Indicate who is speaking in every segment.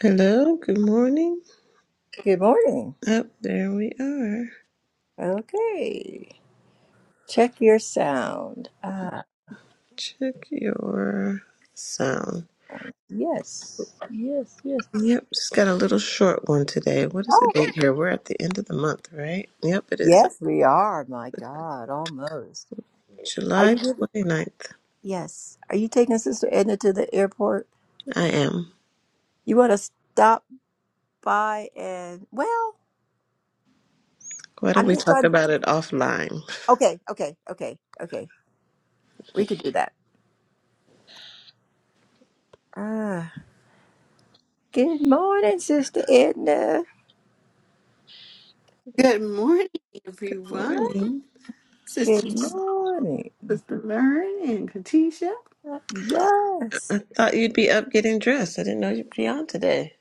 Speaker 1: Hello, good morning.
Speaker 2: Good morning.
Speaker 1: Up there we are.
Speaker 2: Okay. Check your sound. Uh
Speaker 1: Check your sound.
Speaker 2: yes. Yes, yes.
Speaker 1: Yep, just got a little short one today. What is the
Speaker 2: Oh.
Speaker 1: date here? We're at the end of the month, right? Yep, it is
Speaker 2: Yes, we are. My God, almost. Are
Speaker 1: July
Speaker 2: you good?
Speaker 1: twenty ninth.
Speaker 2: Yes. Are you taking Sister Edna to the airport?
Speaker 1: I am.
Speaker 2: You want to stop by and well,
Speaker 1: Why don't
Speaker 2: I'm
Speaker 1: we
Speaker 2: just
Speaker 1: talk
Speaker 2: trying
Speaker 1: about it offline?
Speaker 2: Okay, okay, okay, okay. We could do that. Ah. Good morning, Sister Edna.
Speaker 3: Good morning,
Speaker 1: Good
Speaker 3: everyone.
Speaker 1: morning.
Speaker 2: Good
Speaker 3: Sister,
Speaker 2: morning.
Speaker 3: Sister Vern and Katisha.
Speaker 2: Uh, Yes.
Speaker 1: Thought you'd be up getting dressed. I didn't know you'd be on today.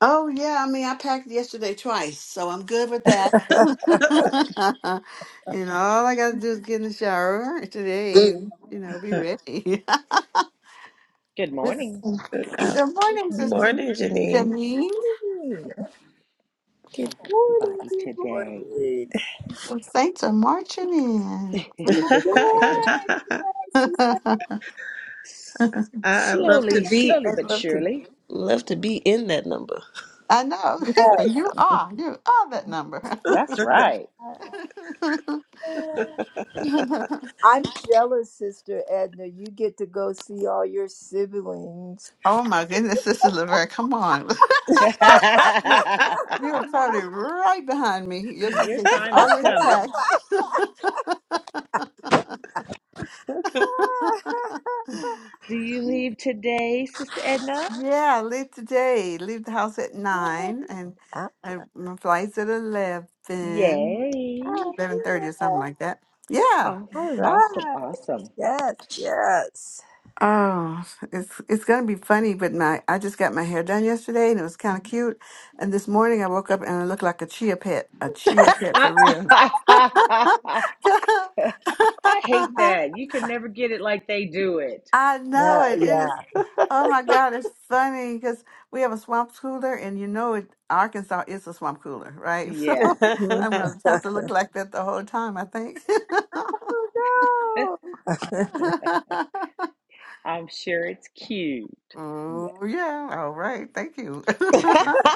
Speaker 3: Oh, yeah. I mean, I packed yesterday twice, so I'm good with that. and all I got to do is get in the shower today
Speaker 2: Good
Speaker 3: and, you know, be ready.
Speaker 4: Good
Speaker 3: It's-
Speaker 4: morning,
Speaker 1: Uh,
Speaker 3: good morning,
Speaker 1: Good
Speaker 3: Sister
Speaker 1: morning, Janine.
Speaker 3: Janine.
Speaker 2: morning. Good
Speaker 4: everybody,
Speaker 2: morning, good
Speaker 4: today.
Speaker 2: morning.
Speaker 3: The Saints are marching in. Come
Speaker 2: Yes,
Speaker 1: I
Speaker 3: on.
Speaker 1: I love to
Speaker 4: slowly,
Speaker 1: be.
Speaker 4: slowly
Speaker 1: I
Speaker 4: but
Speaker 1: love to
Speaker 4: surely.
Speaker 1: love to be in that number.
Speaker 3: I know.
Speaker 2: yes, yes,
Speaker 3: you are. You are that number.
Speaker 4: That's right.
Speaker 2: yes. I'm jealous, Sister Edna. You get to go see all your siblings.
Speaker 3: Oh my goodness, Sister Laverne, come on. You're probably right behind me. Your
Speaker 4: Your
Speaker 3: suitcase is
Speaker 4: time is
Speaker 3: already
Speaker 4: coming.
Speaker 3: packed.
Speaker 4: Do you leave today, Sister Edna?
Speaker 3: yeah, I leave today. Leave the house at nine and
Speaker 2: Ah,
Speaker 3: I, my flight's at eleven, eleven thirty
Speaker 4: Yay.
Speaker 3: or something
Speaker 2: yeah.
Speaker 3: like that. Yeah.
Speaker 4: Awesome,
Speaker 2: All
Speaker 4: awesome,
Speaker 2: right.
Speaker 4: awesome.
Speaker 2: Yes, yes.
Speaker 3: Oh, it's it's gonna be funny, but my I just got my hair done yesterday and it was kind of
Speaker 4: Mhm.
Speaker 3: cute. And this morning I woke up and I looked like a chia pet, a chia pet for real.
Speaker 4: I I hate that. You can never get it like they do it.
Speaker 3: I
Speaker 2: Yeah,
Speaker 3: know it. It is.
Speaker 2: yeah.
Speaker 3: Oh my God, it's funny because we have a swamp cooler, and you know it. Arkansas is a swamp cooler, right? So
Speaker 4: Yeah,
Speaker 2: Hmm.
Speaker 3: I'm gonna have to look like that the whole time, I think.
Speaker 2: Oh, no.
Speaker 4: I'm sure it's cute.
Speaker 3: Oh, yeah. All right. Thank you.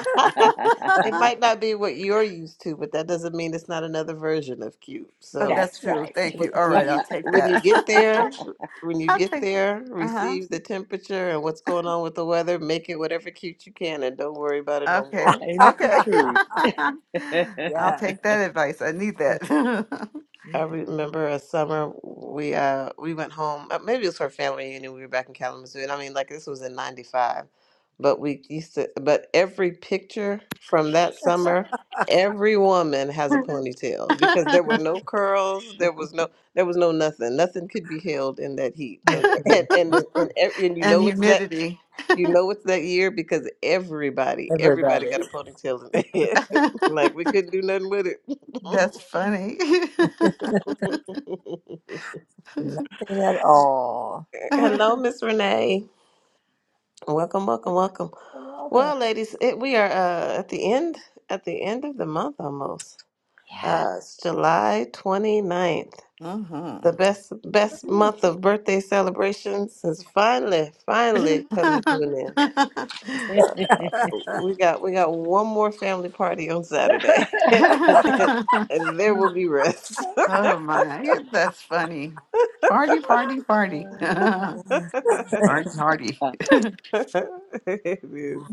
Speaker 1: It might not be what you're used to, but that doesn't mean it's not another version of cute.
Speaker 3: Oh,
Speaker 1: So
Speaker 3: that's
Speaker 4: That's
Speaker 3: true.
Speaker 2: yeah.
Speaker 4: right.
Speaker 3: Thank
Speaker 1: when,
Speaker 3: you. All right.
Speaker 1: when
Speaker 3: I'll
Speaker 1: you
Speaker 3: take
Speaker 1: when
Speaker 3: that.
Speaker 1: you get there, when you
Speaker 3: I'll
Speaker 1: get
Speaker 3: take.
Speaker 1: there,
Speaker 3: Uh
Speaker 1: receive the temperature and what's going on with the weather, make it whatever cute you can, and don't worry about it
Speaker 3: huh.
Speaker 1: no
Speaker 3: Okay.
Speaker 1: more.
Speaker 4: Ain't it the
Speaker 3: Okay.
Speaker 4: truth?
Speaker 3: I'll
Speaker 2: yes.
Speaker 3: take that advice. I need that.
Speaker 1: I remember a summer we uh we went home. uh, Maybe it was for a family reunion. We were back in Kalamazoo, and I mean, like this was in '95, but we used to. But every picture from that summer, every woman has a ponytail because there were no curls. There was no. There was no nothing. Nothing could be held in that heat, and
Speaker 2: Mhm.
Speaker 1: and and and, and, ev- and you
Speaker 3: and
Speaker 1: know it's that.
Speaker 3: humidity.
Speaker 1: You know it's that year because everybody, everybody
Speaker 2: Everybody.
Speaker 1: got a ponytail in their head. like we couldn't do nothing with it.
Speaker 3: that's funny.
Speaker 2: Nothing at all.
Speaker 1: Hello, Miss Renee. Welcome, welcome, welcome.
Speaker 2: You're welcome.
Speaker 1: Well, ladies, it, we are uh, at the end at the end of the month almost.
Speaker 2: Yeah.
Speaker 1: Uh, it's July 29th.
Speaker 3: uh-huh.
Speaker 1: The best best month of birthday celebrations is finally finally coming to an end. Uh, we got we got one more family party on Saturday, and, and, and there will be rest.
Speaker 3: Oh my, that's funny. Party, party, party.
Speaker 4: Um,
Speaker 3: party,
Speaker 2: Yes.
Speaker 3: party.
Speaker 1: it is.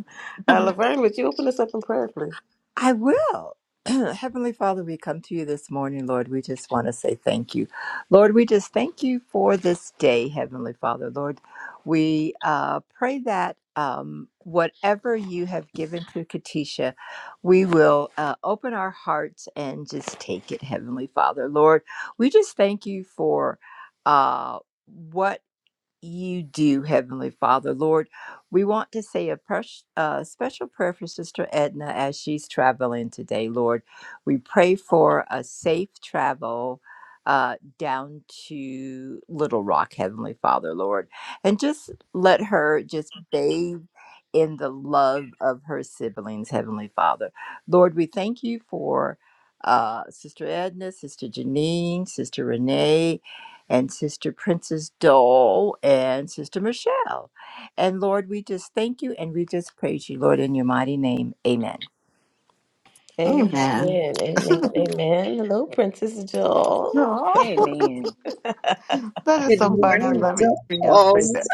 Speaker 1: Uh, Laverne, would you open us up in prayer, please?
Speaker 2: I will. Heavenly Father, we come to you this morning, Lord. We just want to say thank you. Lord, we just thank you for this day, Heavenly Father. Lord, we uh, pray that um, whatever you have given to Katisha, we will uh, open our hearts and just take it, Heavenly Father. Lord, we just thank you for. Uh, what you do, Heavenly Father. Lord, we want to say a pers- uh, special prayer for Sister Edna as she's traveling today, Lord. We pray for a safe travel. Uh, down to Little Rock, Heavenly Father, Lord, and just let her just bathe in the love of her siblings, Heavenly Father. Lord, we thank you for uh, Sister Edna, Sister Janine, Sister Renee, and Sister Princess Dole and Sister Michelle. And Lord, we just thank you and we just praise you, Lord, in your mighty name. Amen.
Speaker 1: Amen.
Speaker 3: Amen.
Speaker 1: Amen. Amen. Hello, Princess Joel.
Speaker 3: Oh,
Speaker 4: Amen.
Speaker 3: that is
Speaker 5: Good
Speaker 3: so fun. I
Speaker 5: morning,
Speaker 3: love it when y'all say
Speaker 5: dolls.
Speaker 3: that.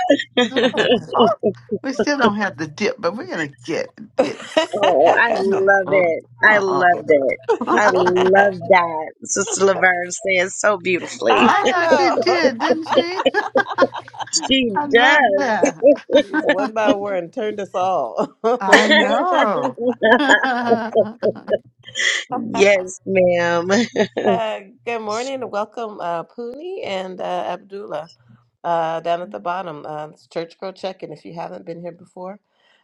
Speaker 3: Oh, we still don't have the dip, but we're going to get it.
Speaker 5: Oh, I
Speaker 3: No.
Speaker 5: love
Speaker 3: Oh,
Speaker 5: it. I
Speaker 3: oh.
Speaker 5: loved it. I love that. Sister Laverne says so beautifully.
Speaker 3: I
Speaker 1: I
Speaker 3: know she
Speaker 1: know.
Speaker 3: did, didn't she?
Speaker 5: She
Speaker 3: I love
Speaker 5: does.
Speaker 3: that.
Speaker 1: She's one by one turned us all.
Speaker 3: I know.
Speaker 5: yes, ma'am.
Speaker 1: Uh, good morning and welcome, uh, Puni and uh, Abdullah, uh, down at the bottom. Uh, it's Church Girl Check-in. If you haven't been here before,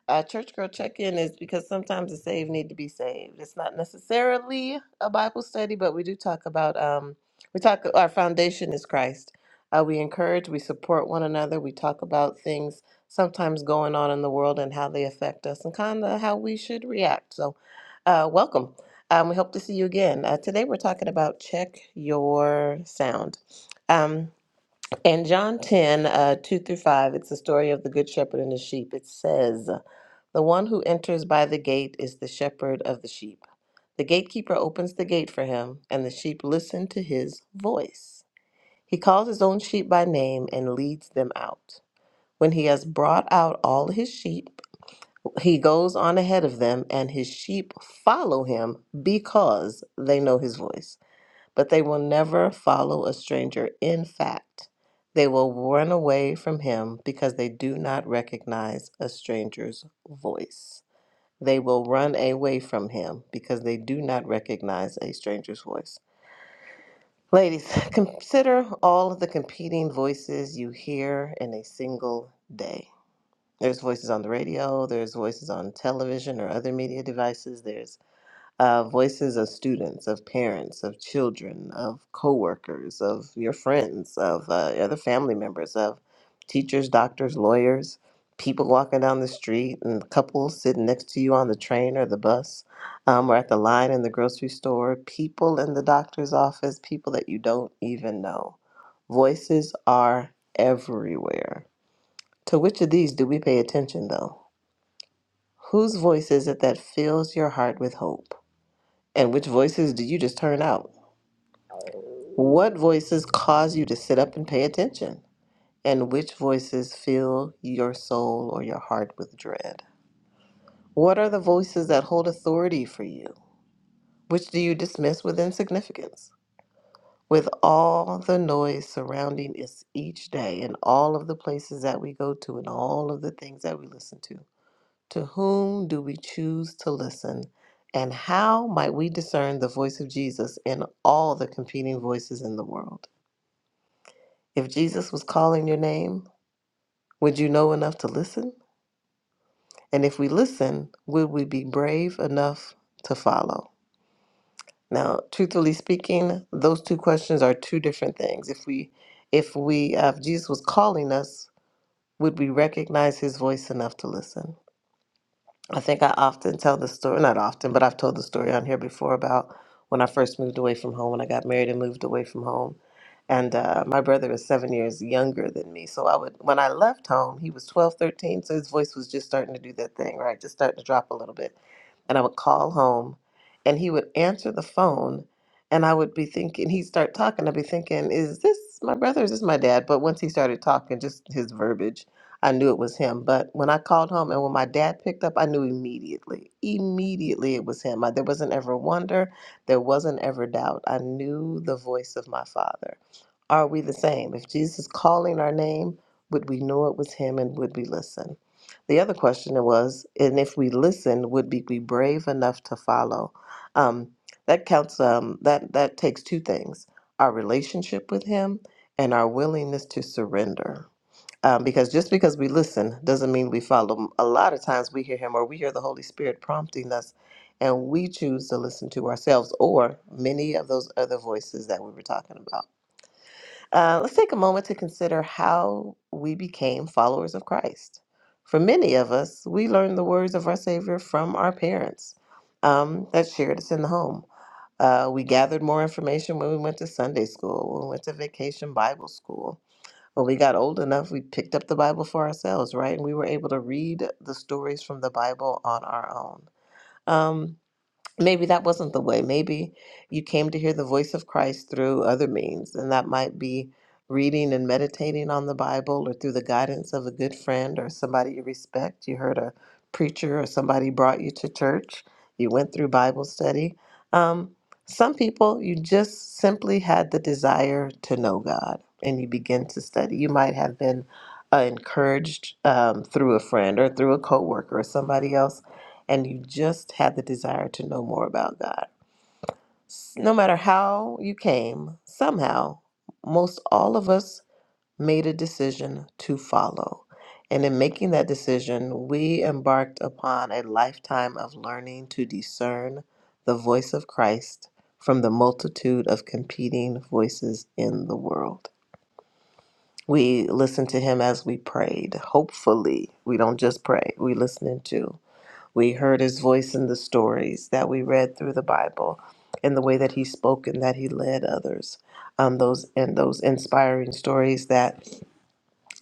Speaker 1: uh, Church Girl Check-in is because sometimes the saved need to be saved. It's not necessarily a Bible study, but we do talk about um, we talk our foundation is Christ. Uh, we encourage, we support one another. We talk about things sometimes going on in the world and how they affect us and kind of how we should react. So, uh, welcome. Um, we hope to see you again. Uh, today we're talking about check your sound. Um, in John 10, uh, 2 through 5, it's the story of the good shepherd and the sheep. It says, The one who enters by the gate is the shepherd of the sheep. The gatekeeper opens the gate for him, and the sheep listen to his voice. He calls his own sheep by name and leads them out. When he has brought out all his sheep, he goes on ahead of them, and his sheep follow him because they know his voice. But they will never follow a stranger. In fact, they will run away from him because they do not recognize a stranger's voice. They will run away from him because they do not recognize a stranger's voice. Ladies, consider all of the competing voices you hear in a single day. There's voices on the radio, there's voices on television or other media devices, there's uh, voices of students, of parents, of children, of coworkers, of your friends, of uh, other family members, of teachers, doctors, lawyers, people walking down the street, and couples sitting next to you on the train or the bus, um, or at the line in the grocery store, people in the doctor's office, people that you don't even know. Voices are everywhere to which of these do we pay attention, though? Whose voice is it that fills your heart with hope? And which voices do you just turn out? What voices cause you to sit up and pay attention? And which voices fill your soul or your heart with dread? What are the voices that hold authority for you? Which do you dismiss with insignificance? With all the noise surrounding us each day, and all of the places that we go to, and all of the things that we listen to, To whom do we choose to listen? And how might we discern the voice of Jesus in all the competing voices in the world? If Jesus was calling your name, would you know enough to listen? And if we listen, would we be brave enough to follow? Now, truthfully speaking, those two questions are two different things. If we if we uh, if Jesus was calling us, would we recognize his voice enough to listen? I think I often tell the story, not often, but I've told the story on here before about when I first moved away from home, when I got married and moved away from home. And uh, my brother is seven years younger than me. So I would, when I left home, he was 12, 13, So his voice was just starting to do that thing, right? Just starting to drop a little bit. And I would call home and he would answer the phone. And I would be thinking, he'd start talking. I'd be thinking, is this my brother? Is this my dad? But once he started talking, just his verbiage I knew it was him. But when I called home and when my dad picked up, I knew immediately. Immediately it was him. I, there wasn't ever wonder. There wasn't ever doubt. I knew the voice of my father. Are we the same? If Jesus is calling our name, would we know it was him and would we listen? The other question was, and if we listened, would we be brave enough to follow? Um, that counts. Um, that that takes two things: our relationship with Him and our willingness to surrender um, because just because we listen doesn't mean we follow him. A lot of times we hear him or we hear the Holy Spirit prompting us, and we choose to listen to ourselves or many of those other voices that we were talking about. Uh, let's take a moment to consider how we became followers of Christ. For many of us, we learned the words of our Savior from our parents um, that shared us in the home. Uh, we gathered more information when we went to Sunday school, when we went to vacation Bible school when we got old enough, we picked up the Bible for ourselves, right? And we were able to read the stories from the Bible on our own. Um, maybe that wasn't the way. Maybe you came to hear the voice of Christ through other means, and that might be reading and meditating on the Bible or through the guidance of a good friend or somebody you respect. You heard a preacher or somebody brought you to church. You went through Bible study. Um, some people, you just simply had the desire to know God and you begin to study. You might have been uh, encouraged um, through a friend or through a coworker or somebody else and you just have the desire to know more about God. S- No matter how you came, somehow, most all of us made a decision to follow. And in making that decision, we embarked upon a lifetime of learning to discern the voice of Christ from the multitude of competing voices in the world. We listened to him as we prayed. Hopefully, we don't just pray, we listen to. We heard his voice in the stories that we read through the Bible in the way that he spoke and that he led others. Um, those and those inspiring stories that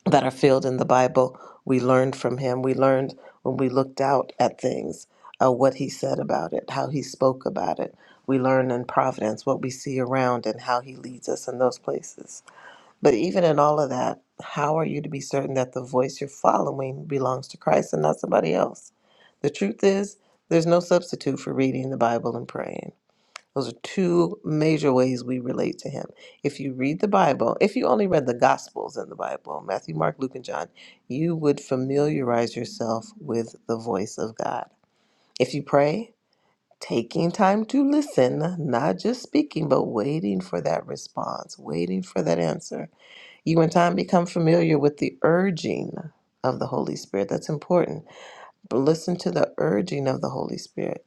Speaker 1: that are filled in the Bible, we learned from him. We learned when we looked out at things, uh, what he said about it, how he spoke about it. We learn in Providence what we see around and how he leads us in those places. But even in all of that, how are you to be certain that the voice you're following belongs to Christ and not somebody else? The truth is, there's no substitute for reading the Bible and praying. Those are two major ways we relate to Him. If you read the Bible, if you only read the Gospels in the Bible, Matthew, Mark, Luke, and John, you would familiarize yourself with the voice of God. If you pray, taking time to listen, not just speaking, but waiting for that response, waiting for that answer you in time become familiar with the urging of the Holy Spirit. That's important. But listen to the urging of the Holy Spirit.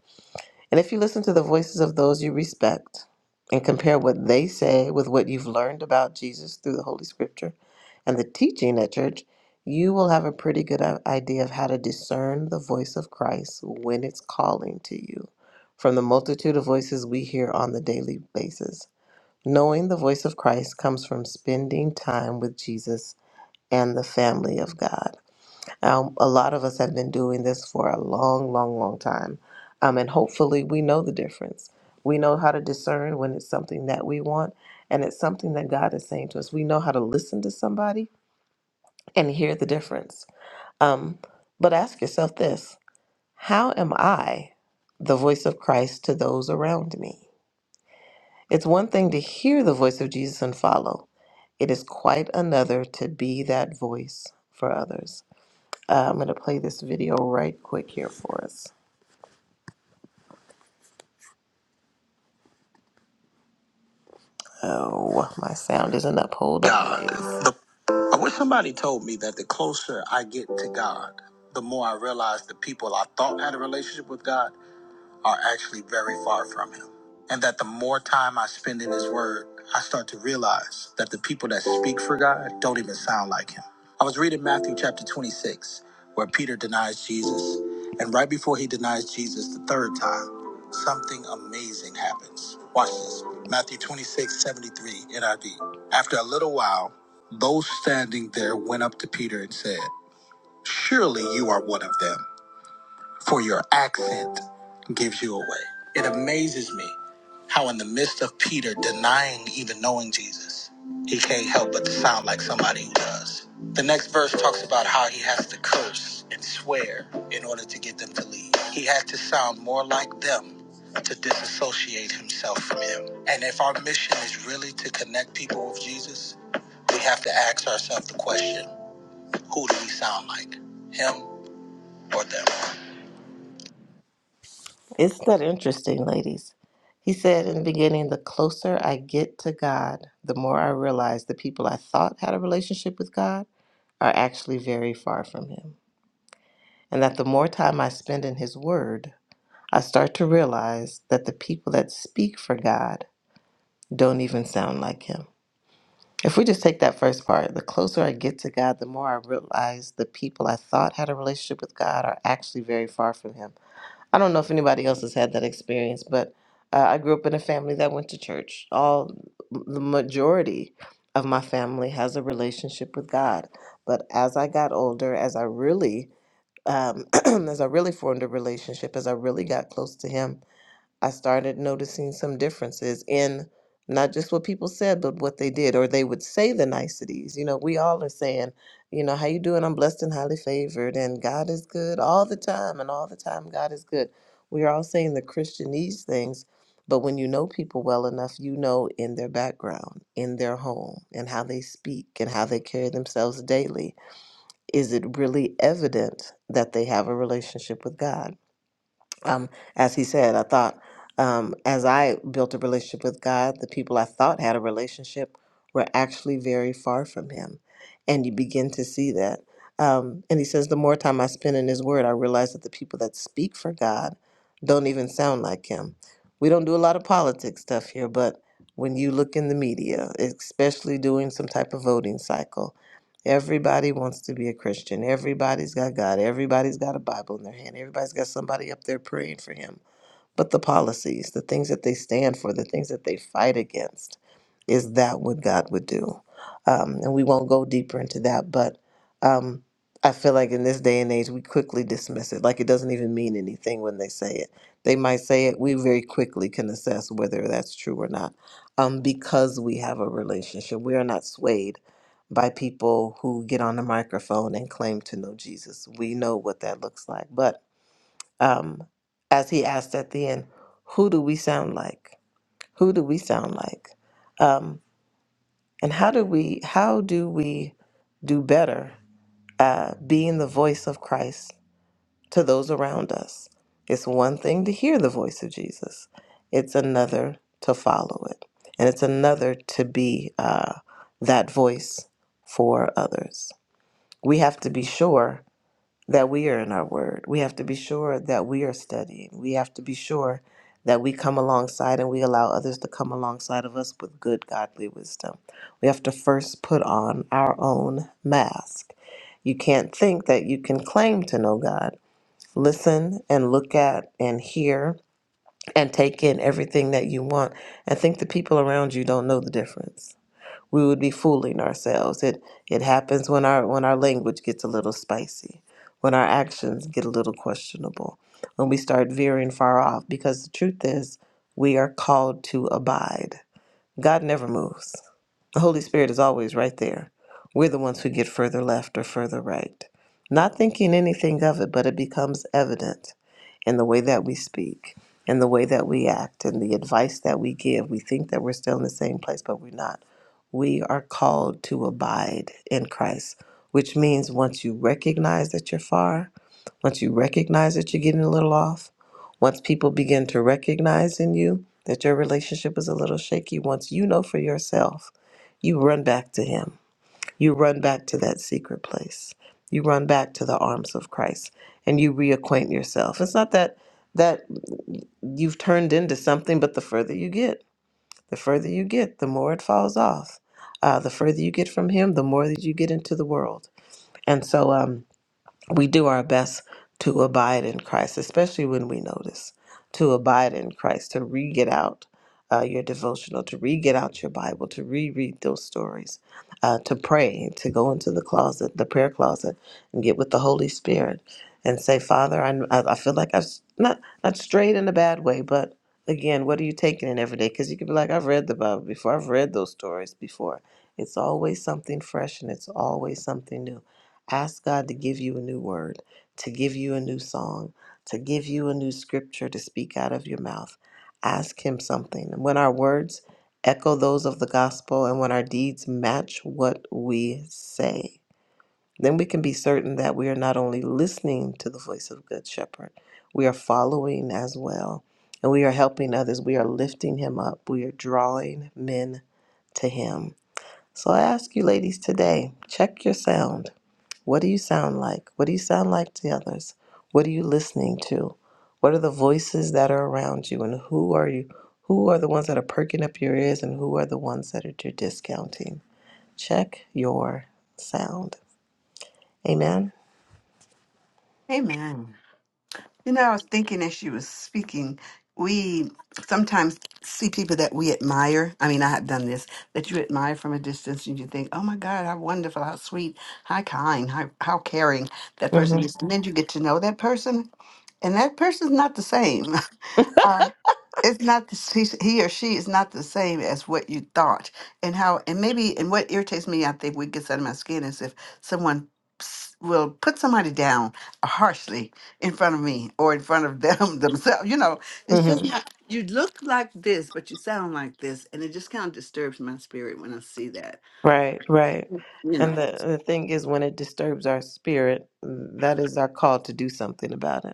Speaker 1: And if you listen to the voices of those you respect and compare what they say with what you've learned about Jesus through the Holy Scripture and the teaching at church, you will have a pretty good i- idea of how to discern the voice of Christ when it's calling to you from the multitude of voices we hear on the daily basis. Knowing the voice of Christ comes from spending time with Jesus and the family of God. Um, a lot of us have been doing this for a long, long, long time. Um, and hopefully we know the difference. We know how to discern when it's something that we want and it's something that God is saying to us. We know how to listen to somebody and hear the difference. Um, but ask yourself this How am I the voice of Christ to those around me? It's one thing to hear the voice of Jesus and follow, it is quite another to be that voice for others. Uh, I'm going to play this video right quick here for us. Oh, my sound isn't up. Hold on. God. please. The- I wish somebody told me that the closer I get to God, the more I realize the people I thought had a relationship with God are actually very far from him. And that the more time I spend in his word, I start to realize that the people that speak for God don't even sound like him. I was reading Matthew chapter 26, where Peter denies Jesus. And right before he denies Jesus the third time, something amazing happens. Watch this Matthew 26:73 NIV. After a little while, those standing there went up to Peter and said, Surely you are one of them for your accent gives you away. It amazes me how, in the midst of Peter denying even knowing Jesus, he can't help but to sound like somebody who does. The next verse talks about how he has to curse and swear in order to get them to leave. He had to sound more like them to disassociate himself from him. And if our mission is really to connect people with Jesus, we have to ask ourselves the question who do we sound like, him or them? Isn't that interesting, ladies? He said in the beginning, the closer I get to God, the more I realize the people I thought had a relationship with God are actually very far from Him. And that the more time I spend in His Word, I start to realize that the people that speak for God don't even sound like Him. If we just take that first part, the closer I get to God, the more I realize the people I thought had a relationship with God are actually very far from Him I don't know if anybody else has had that experience, but uh, I grew up in a family that went to church. All the majority of my family has a relationship with God. But as I got older, as I really, um, as I really formed a relationship, as I really got close to Him, I started noticing some differences in not just what people said, but what they did, or they would say the niceties. You know, we all are saying, you know, how you doing? I'm blessed and highly favored, and God is good all the time, and all the time God is good. We are all saying the Christianese things, but when you know people well enough, you know in their background, in their home, and how they speak and how they carry themselves daily. Is it really evident that they have a relationship with God? um, as he said, I thought um, as I built a relationship with God, the people I thought had a relationship were actually very far from Him. And you begin to see that. Um, and he says, the more time I spend in His Word, I realize that the people that speak for God don't even sound like Him. We don't do a lot of politics stuff here, but when you look in the media, especially during some type of voting cycle, Everybody wants to be a Christian. Everybody's got God. Everybody's got a Bible in their hand. Everybody's got somebody up there praying for him but the policies, the things that they stand for, the things that they fight against. Is that what God would do? Um, and we won't go deeper into that, but um, I feel like in this day and age, we quickly dismiss it. Like it doesn't even mean anything when they say it. They might say it, we very quickly can assess whether that's true or not um, because we have a relationship. We are not swayed by people who get on the microphone and claim to know Jesus. We know what that looks like. But um, as he asked at the end, who do we sound like? Who do we sound like? Um, and how do we how do we do better uh, being the voice of Christ to those around us? It's one thing to hear the voice of Jesus; it's another to follow it, and it's another to be uh, that voice for others. We have to be sure that we are in our word. We have to be sure that we are studying. We have to be sure that we come alongside and we allow others to come alongside of us with good godly wisdom. We have to first put on our own mask. You can't think that you can claim to know God. Listen and look at and hear and take in everything that you want and think the people around you don't know the difference we would be fooling ourselves. It it happens when our when our language gets a little spicy, when our actions get a little questionable, when we start veering far off because the truth is we are called to abide. God never moves. The Holy Spirit is always right there. We're the ones who get further left or further right. Not thinking anything of it, but it becomes evident in the way that we speak, in the way that we act, in the advice that we give. We think that we're still in the same place, but we're not. We are called to abide in Christ, which means once you recognize that you're far, once you recognize that you're getting a little off, once people begin to recognize in you that your relationship is a little shaky, once you know for yourself, you run back to Him. You run back to that secret place. You run back to the arms of Christ and you reacquaint yourself. It's not that that you've turned into something, but the further you get, the further you get, the more it falls off. Uh, the further you get from Him, the more that you get into the world. And so, um, we do our best to abide in Christ, especially when we notice to abide in Christ, to re get out uh, your devotional, to re get out your Bible, to reread those stories, uh, to pray, to go into the closet, the prayer closet, and get with the Holy Spirit and say, Father, I, I I feel like I've s- not, not strayed in a bad way, but again, what are you taking in every day? Because you could be like, I've read the Bible before, I've read those stories before. It's always something fresh and it's always something new. Ask God to give you a new word, to give you a new song, to give you a new scripture to speak out of your mouth. Ask Him something. And when our words echo those of the gospel and when our deeds match what we say, then we can be certain that we are not only listening to the voice of Good Shepherd, we are following as well. And we are helping others. We are lifting Him up. We are drawing men to Him. So I ask you, ladies, today check your sound what do you sound like? What do you sound like to others? What are you listening to? What are the voices that are around you and who are you who are the ones that are perking up your ears and who are the ones that are you're discounting? Check your sound. Amen.
Speaker 3: Amen. You know, I was thinking as she was speaking, we sometimes see people that we admire. I mean, I have done this, that you admire from a distance and you think, oh my God, how wonderful, how sweet, how kind, how, how caring that
Speaker 1: mm
Speaker 3: person
Speaker 1: Mhm.
Speaker 3: is. And then you get to know that person, and that person's not the same. it's not the, s- he's- he or she is not the same as what you thought and how and maybe and what irritates me i think what gets under my skin is if someone s- will put somebody down harshly in front of me or in front of them themselves you know
Speaker 1: mm
Speaker 3: it's just
Speaker 1: Mhm.
Speaker 3: not you look like this but you sound like this and it just kind of disturbs my spirit when i see that
Speaker 1: Right, right.
Speaker 3: you know
Speaker 1: And the the thing is when it disturbs our spirit, that is our call to do something about it.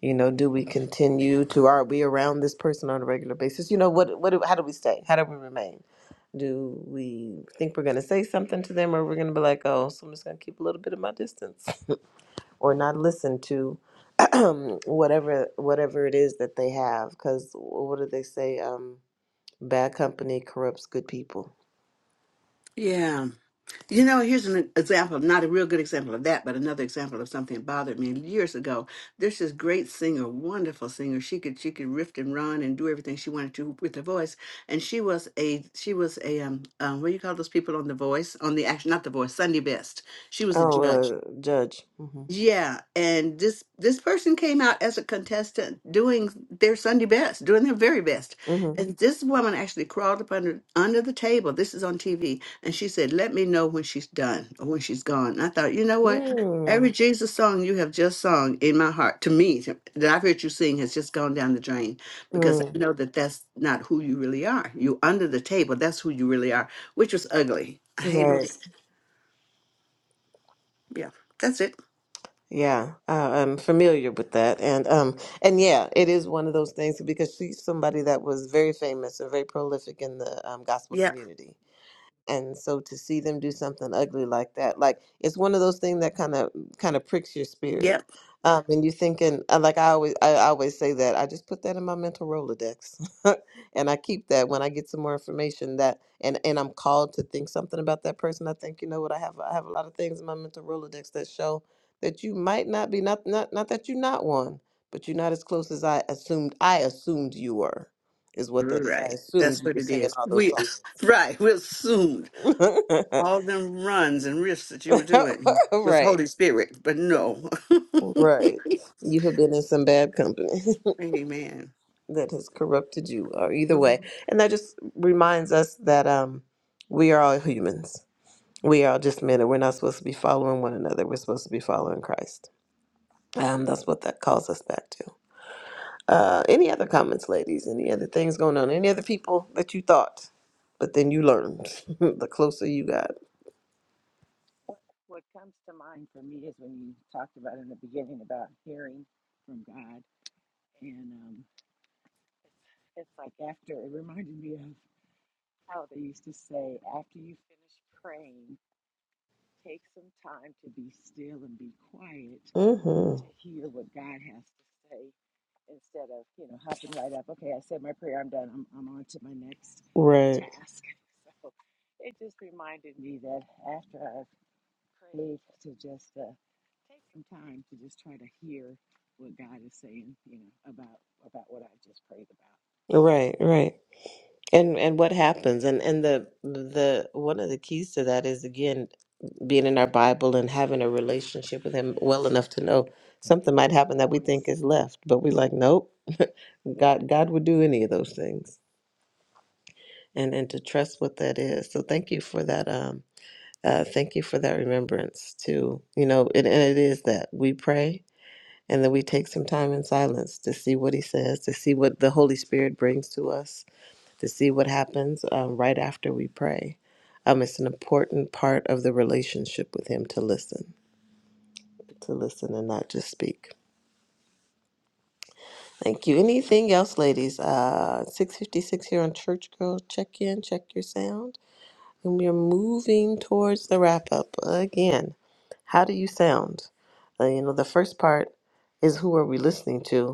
Speaker 1: You know, do we continue to are we around this person on a regular basis? You know, what what do, how do we stay? How do we remain? Do we think we're going to say something to them, or we're going to be like, oh, so I'm just going to keep a little bit of my distance, or not listen to whatever whatever it is that they have? Because what do they say? Um, bad company corrupts good people.
Speaker 3: yeah You know, here's an example, not a real good example of that, but another example of something that bothered me years ago. There's this great singer, wonderful singer. She could she could riff and run and do everything she wanted to with her voice. And she was a she was a um, um what do you call those people on the voice on the action not the voice Sunday best. She was a
Speaker 1: Oh,
Speaker 3: judge.
Speaker 1: uh, judge. Mm-hmm.
Speaker 3: Yeah, and this this person came out as a contestant doing their Sunday best, doing their very best.
Speaker 1: Mm-hmm.
Speaker 3: And this woman actually crawled up under under the table. This is on TV, and she said, "Let me know when she's done or when she's gone." And I thought, you know what? Every
Speaker 1: Mm-hmm.
Speaker 3: Jesus song you have just sung in my heart to me to- that I've heard you sing has just gone down the drain because I
Speaker 1: Mm,
Speaker 3: know that that's not who you really are. You under the table, that's who you really are, which was ugly. I hated
Speaker 1: Right.
Speaker 3: it. Yeah, that's it.
Speaker 1: Yeah, uh, I'm familiar with that, and um, and yeah, it is one of those things because she's somebody that was very famous and very prolific in the um, gospel
Speaker 3: Yeah,
Speaker 1: community and so to see them do something ugly like that like it's one of those things that kind of kind of pricks your spirit
Speaker 3: Yep.
Speaker 1: um and you're thinking uh, like i always i always say that i just put that in my mental rolodex and i keep that when i get some more information that and and i'm called to think something about that person i think you know what i have i have a lot of things in my mental rolodex that show that you might not be not not, not that you're not one but you're not as close as i assumed i assumed you were is what that is i
Speaker 3: Right.
Speaker 1: assumed
Speaker 3: That's
Speaker 1: you
Speaker 3: what
Speaker 1: were
Speaker 3: it
Speaker 1: singing
Speaker 3: is.
Speaker 1: all those
Speaker 3: We
Speaker 1: songs
Speaker 3: right, we assumed all them runs and risks that you were doing was
Speaker 1: right.
Speaker 3: Holy Spirit, but no.
Speaker 1: Right. You have been in some bad company
Speaker 3: Amen.
Speaker 1: that has corrupted you, or either way.
Speaker 3: Mhm.
Speaker 1: And that just reminds us that um, we are all humans. We are just men, and we're not supposed to be following one another. We're supposed to be following Christ. Um, that's what that calls us back to. Uh, any other comments, ladies? Any other things going on? Any other people that you thought, but then you learned the closer you got?
Speaker 4: What, what comes to mind for me is when you talked about in the beginning about hearing from God, and um, it's, it's like after it reminded me of how they used to say after you finish praying, take some time to be still and be quiet
Speaker 1: Mm-hmm.
Speaker 4: to hear what God has to say instead of, you know, hopping right up. Okay, I said my prayer, I'm done. I'm, I'm on to my next
Speaker 1: Right.
Speaker 4: task. So it just reminded me that after I've prayed to just uh, take some time to just try to hear what God is saying, you know, about about what I just prayed about.
Speaker 1: Right. Right. And and what happens? And and the the one of the keys to that is again being in our Bible and having a relationship with Him well
Speaker 4: Amen.
Speaker 1: enough to know something might
Speaker 4: His
Speaker 1: happen that we think
Speaker 4: voice.
Speaker 1: is left, but we like, nope, God God would do any of those things, and and to trust what that is. So thank you for that. Um, uh, thank you for that remembrance too. You know, and, and it is that we pray and then we take some time in silence to see what He says, to see what the Holy Spirit brings to us to see what happens um, right after we pray. Um, it's an important part of the relationship with Him to listen, to listen and not just speak. Thank you. Anything else, ladies? Uh, 656 here on Church Girl. Check in, check your sound. And we are moving towards the wrap up again. How do you sound? Uh, you know, the first part is who are we listening to?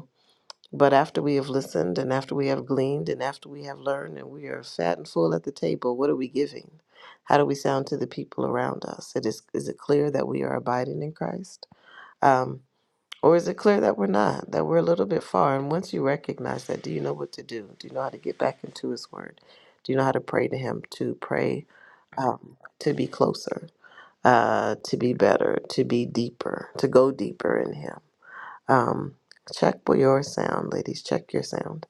Speaker 1: But after we have listened and after we have gleaned and after we have learned and we are fat and full at the table, what are we giving? How do we sound to the people around us? It is, is it clear that we are abiding in Christ? Um, or is it clear that we're not, that we're a little bit far? And once you recognize that, do you know what to do? Do you know how to get back into His Word? Do you know how to pray to Him, to pray, um, to be closer, uh, to be better, to be deeper, to go deeper in Him? Um, check for your sound, ladies. Check your sound.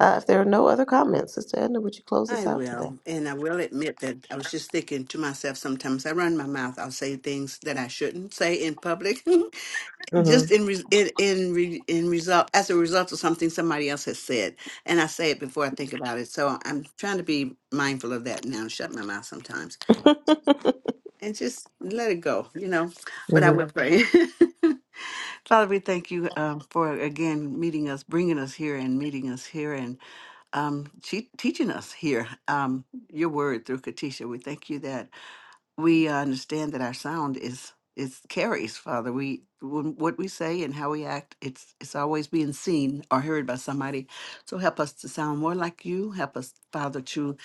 Speaker 1: Uh, if there are no other comments, Sister Edna, would you close
Speaker 3: I
Speaker 1: us out today?
Speaker 3: will. And I will admit that I was just thinking to myself sometimes I run my mouth. I'll say things that I shouldn't say in public, just in re- in in, re- in result as a result of something somebody else has said. And I say it before I think about it. So I'm trying to be mindful of that now and shut my mouth sometimes.
Speaker 1: Mm-hmm.
Speaker 3: and just let it go, you know. But I
Speaker 1: Mm-hmm.
Speaker 3: will pray. Father, we thank you um, for again meeting us, bringing us here, and meeting us here, and um, te- teaching us here um, your word through Katisha. We thank you that we uh, understand that our sound is is carries father we when, what we say and how we act it's it's always being seen or heard by somebody so help us to sound more like you help us father to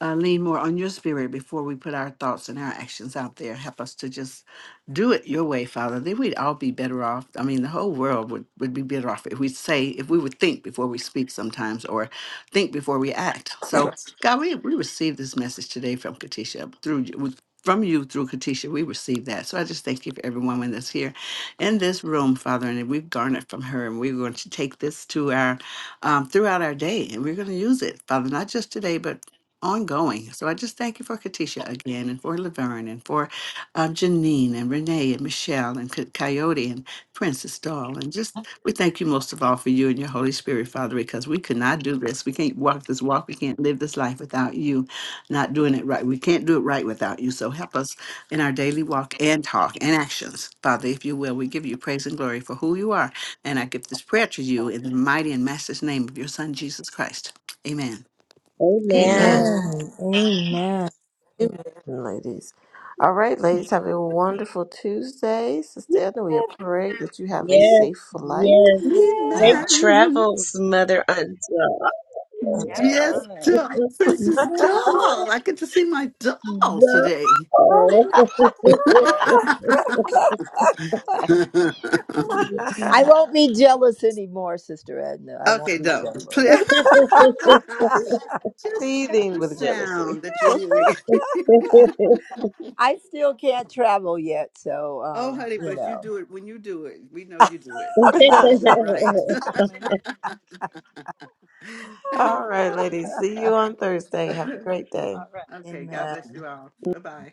Speaker 3: uh, lean more on your spirit before we put our thoughts and our actions out there help us to just do it your way father then we'd all be better off i mean the whole world would, would be better off if we say if we would think before we speak sometimes or think before we act so God, we, we received this message today from Katisha through you- from you through Katisha, we receive that. So I just thank you for every woman that's here in this room, Father, and we've garnered from her, and we're going to take this to our um, throughout our day, and we're going to use it, Father, not just today, but ongoing. So I just thank you for Katisha again, and for Laverne, and for um, Janine, and Renee, and Michelle, and Co- Coyote, and Princess Doll, and just we thank you most of all for you and your Holy Spirit, Father, because we could not do this. We can't walk this walk. We can't live this life without you not doing it right. We can't do it right without you. So help us in our daily walk and talk and actions. Father, if you will, we give you praise and glory for who you are. And I give this prayer to you in the mighty and master's name of your son, Jesus Christ. Amen.
Speaker 1: Amen.
Speaker 5: Amen.
Speaker 2: Amen. Amen.
Speaker 1: Amen, ladies. All right, ladies, have a wonderful Tuesday. Sister
Speaker 2: Yay,
Speaker 1: Edna, we pray that you have a
Speaker 5: Yes,
Speaker 1: safe flight.
Speaker 5: yes.
Speaker 2: yay,
Speaker 4: Amen.
Speaker 5: Safe
Speaker 1: Uh,
Speaker 3: Amen.
Speaker 5: travels, Mother Until.
Speaker 4: And have
Speaker 3: Yes,
Speaker 4: fun.
Speaker 3: doll.
Speaker 2: yay.
Speaker 3: Princess Doll. I get to see my doll today.
Speaker 5: No.
Speaker 3: okay,
Speaker 2: I won't be jealous anymore, Sister Edna. I won't be
Speaker 3: doll. Pl-
Speaker 2: jealous.
Speaker 3: Just check
Speaker 1: seething
Speaker 3: the
Speaker 1: with jealousy.
Speaker 3: sound that you're hearing.
Speaker 2: I still can't travel yet, so um,
Speaker 3: Oh, honey,
Speaker 2: you
Speaker 3: but you do it when you do it. We know you do it. We know you do it
Speaker 4: It's
Speaker 3: right.
Speaker 4: it's
Speaker 5: Yes.
Speaker 4: coming.
Speaker 1: All right, ladies. See
Speaker 2: know.
Speaker 1: you on Thursday. Have a great day.
Speaker 4: All right.
Speaker 3: okay,
Speaker 4: Bye
Speaker 3: God
Speaker 4: bye.
Speaker 3: bless
Speaker 2: Amen.
Speaker 3: you all. Bye bye.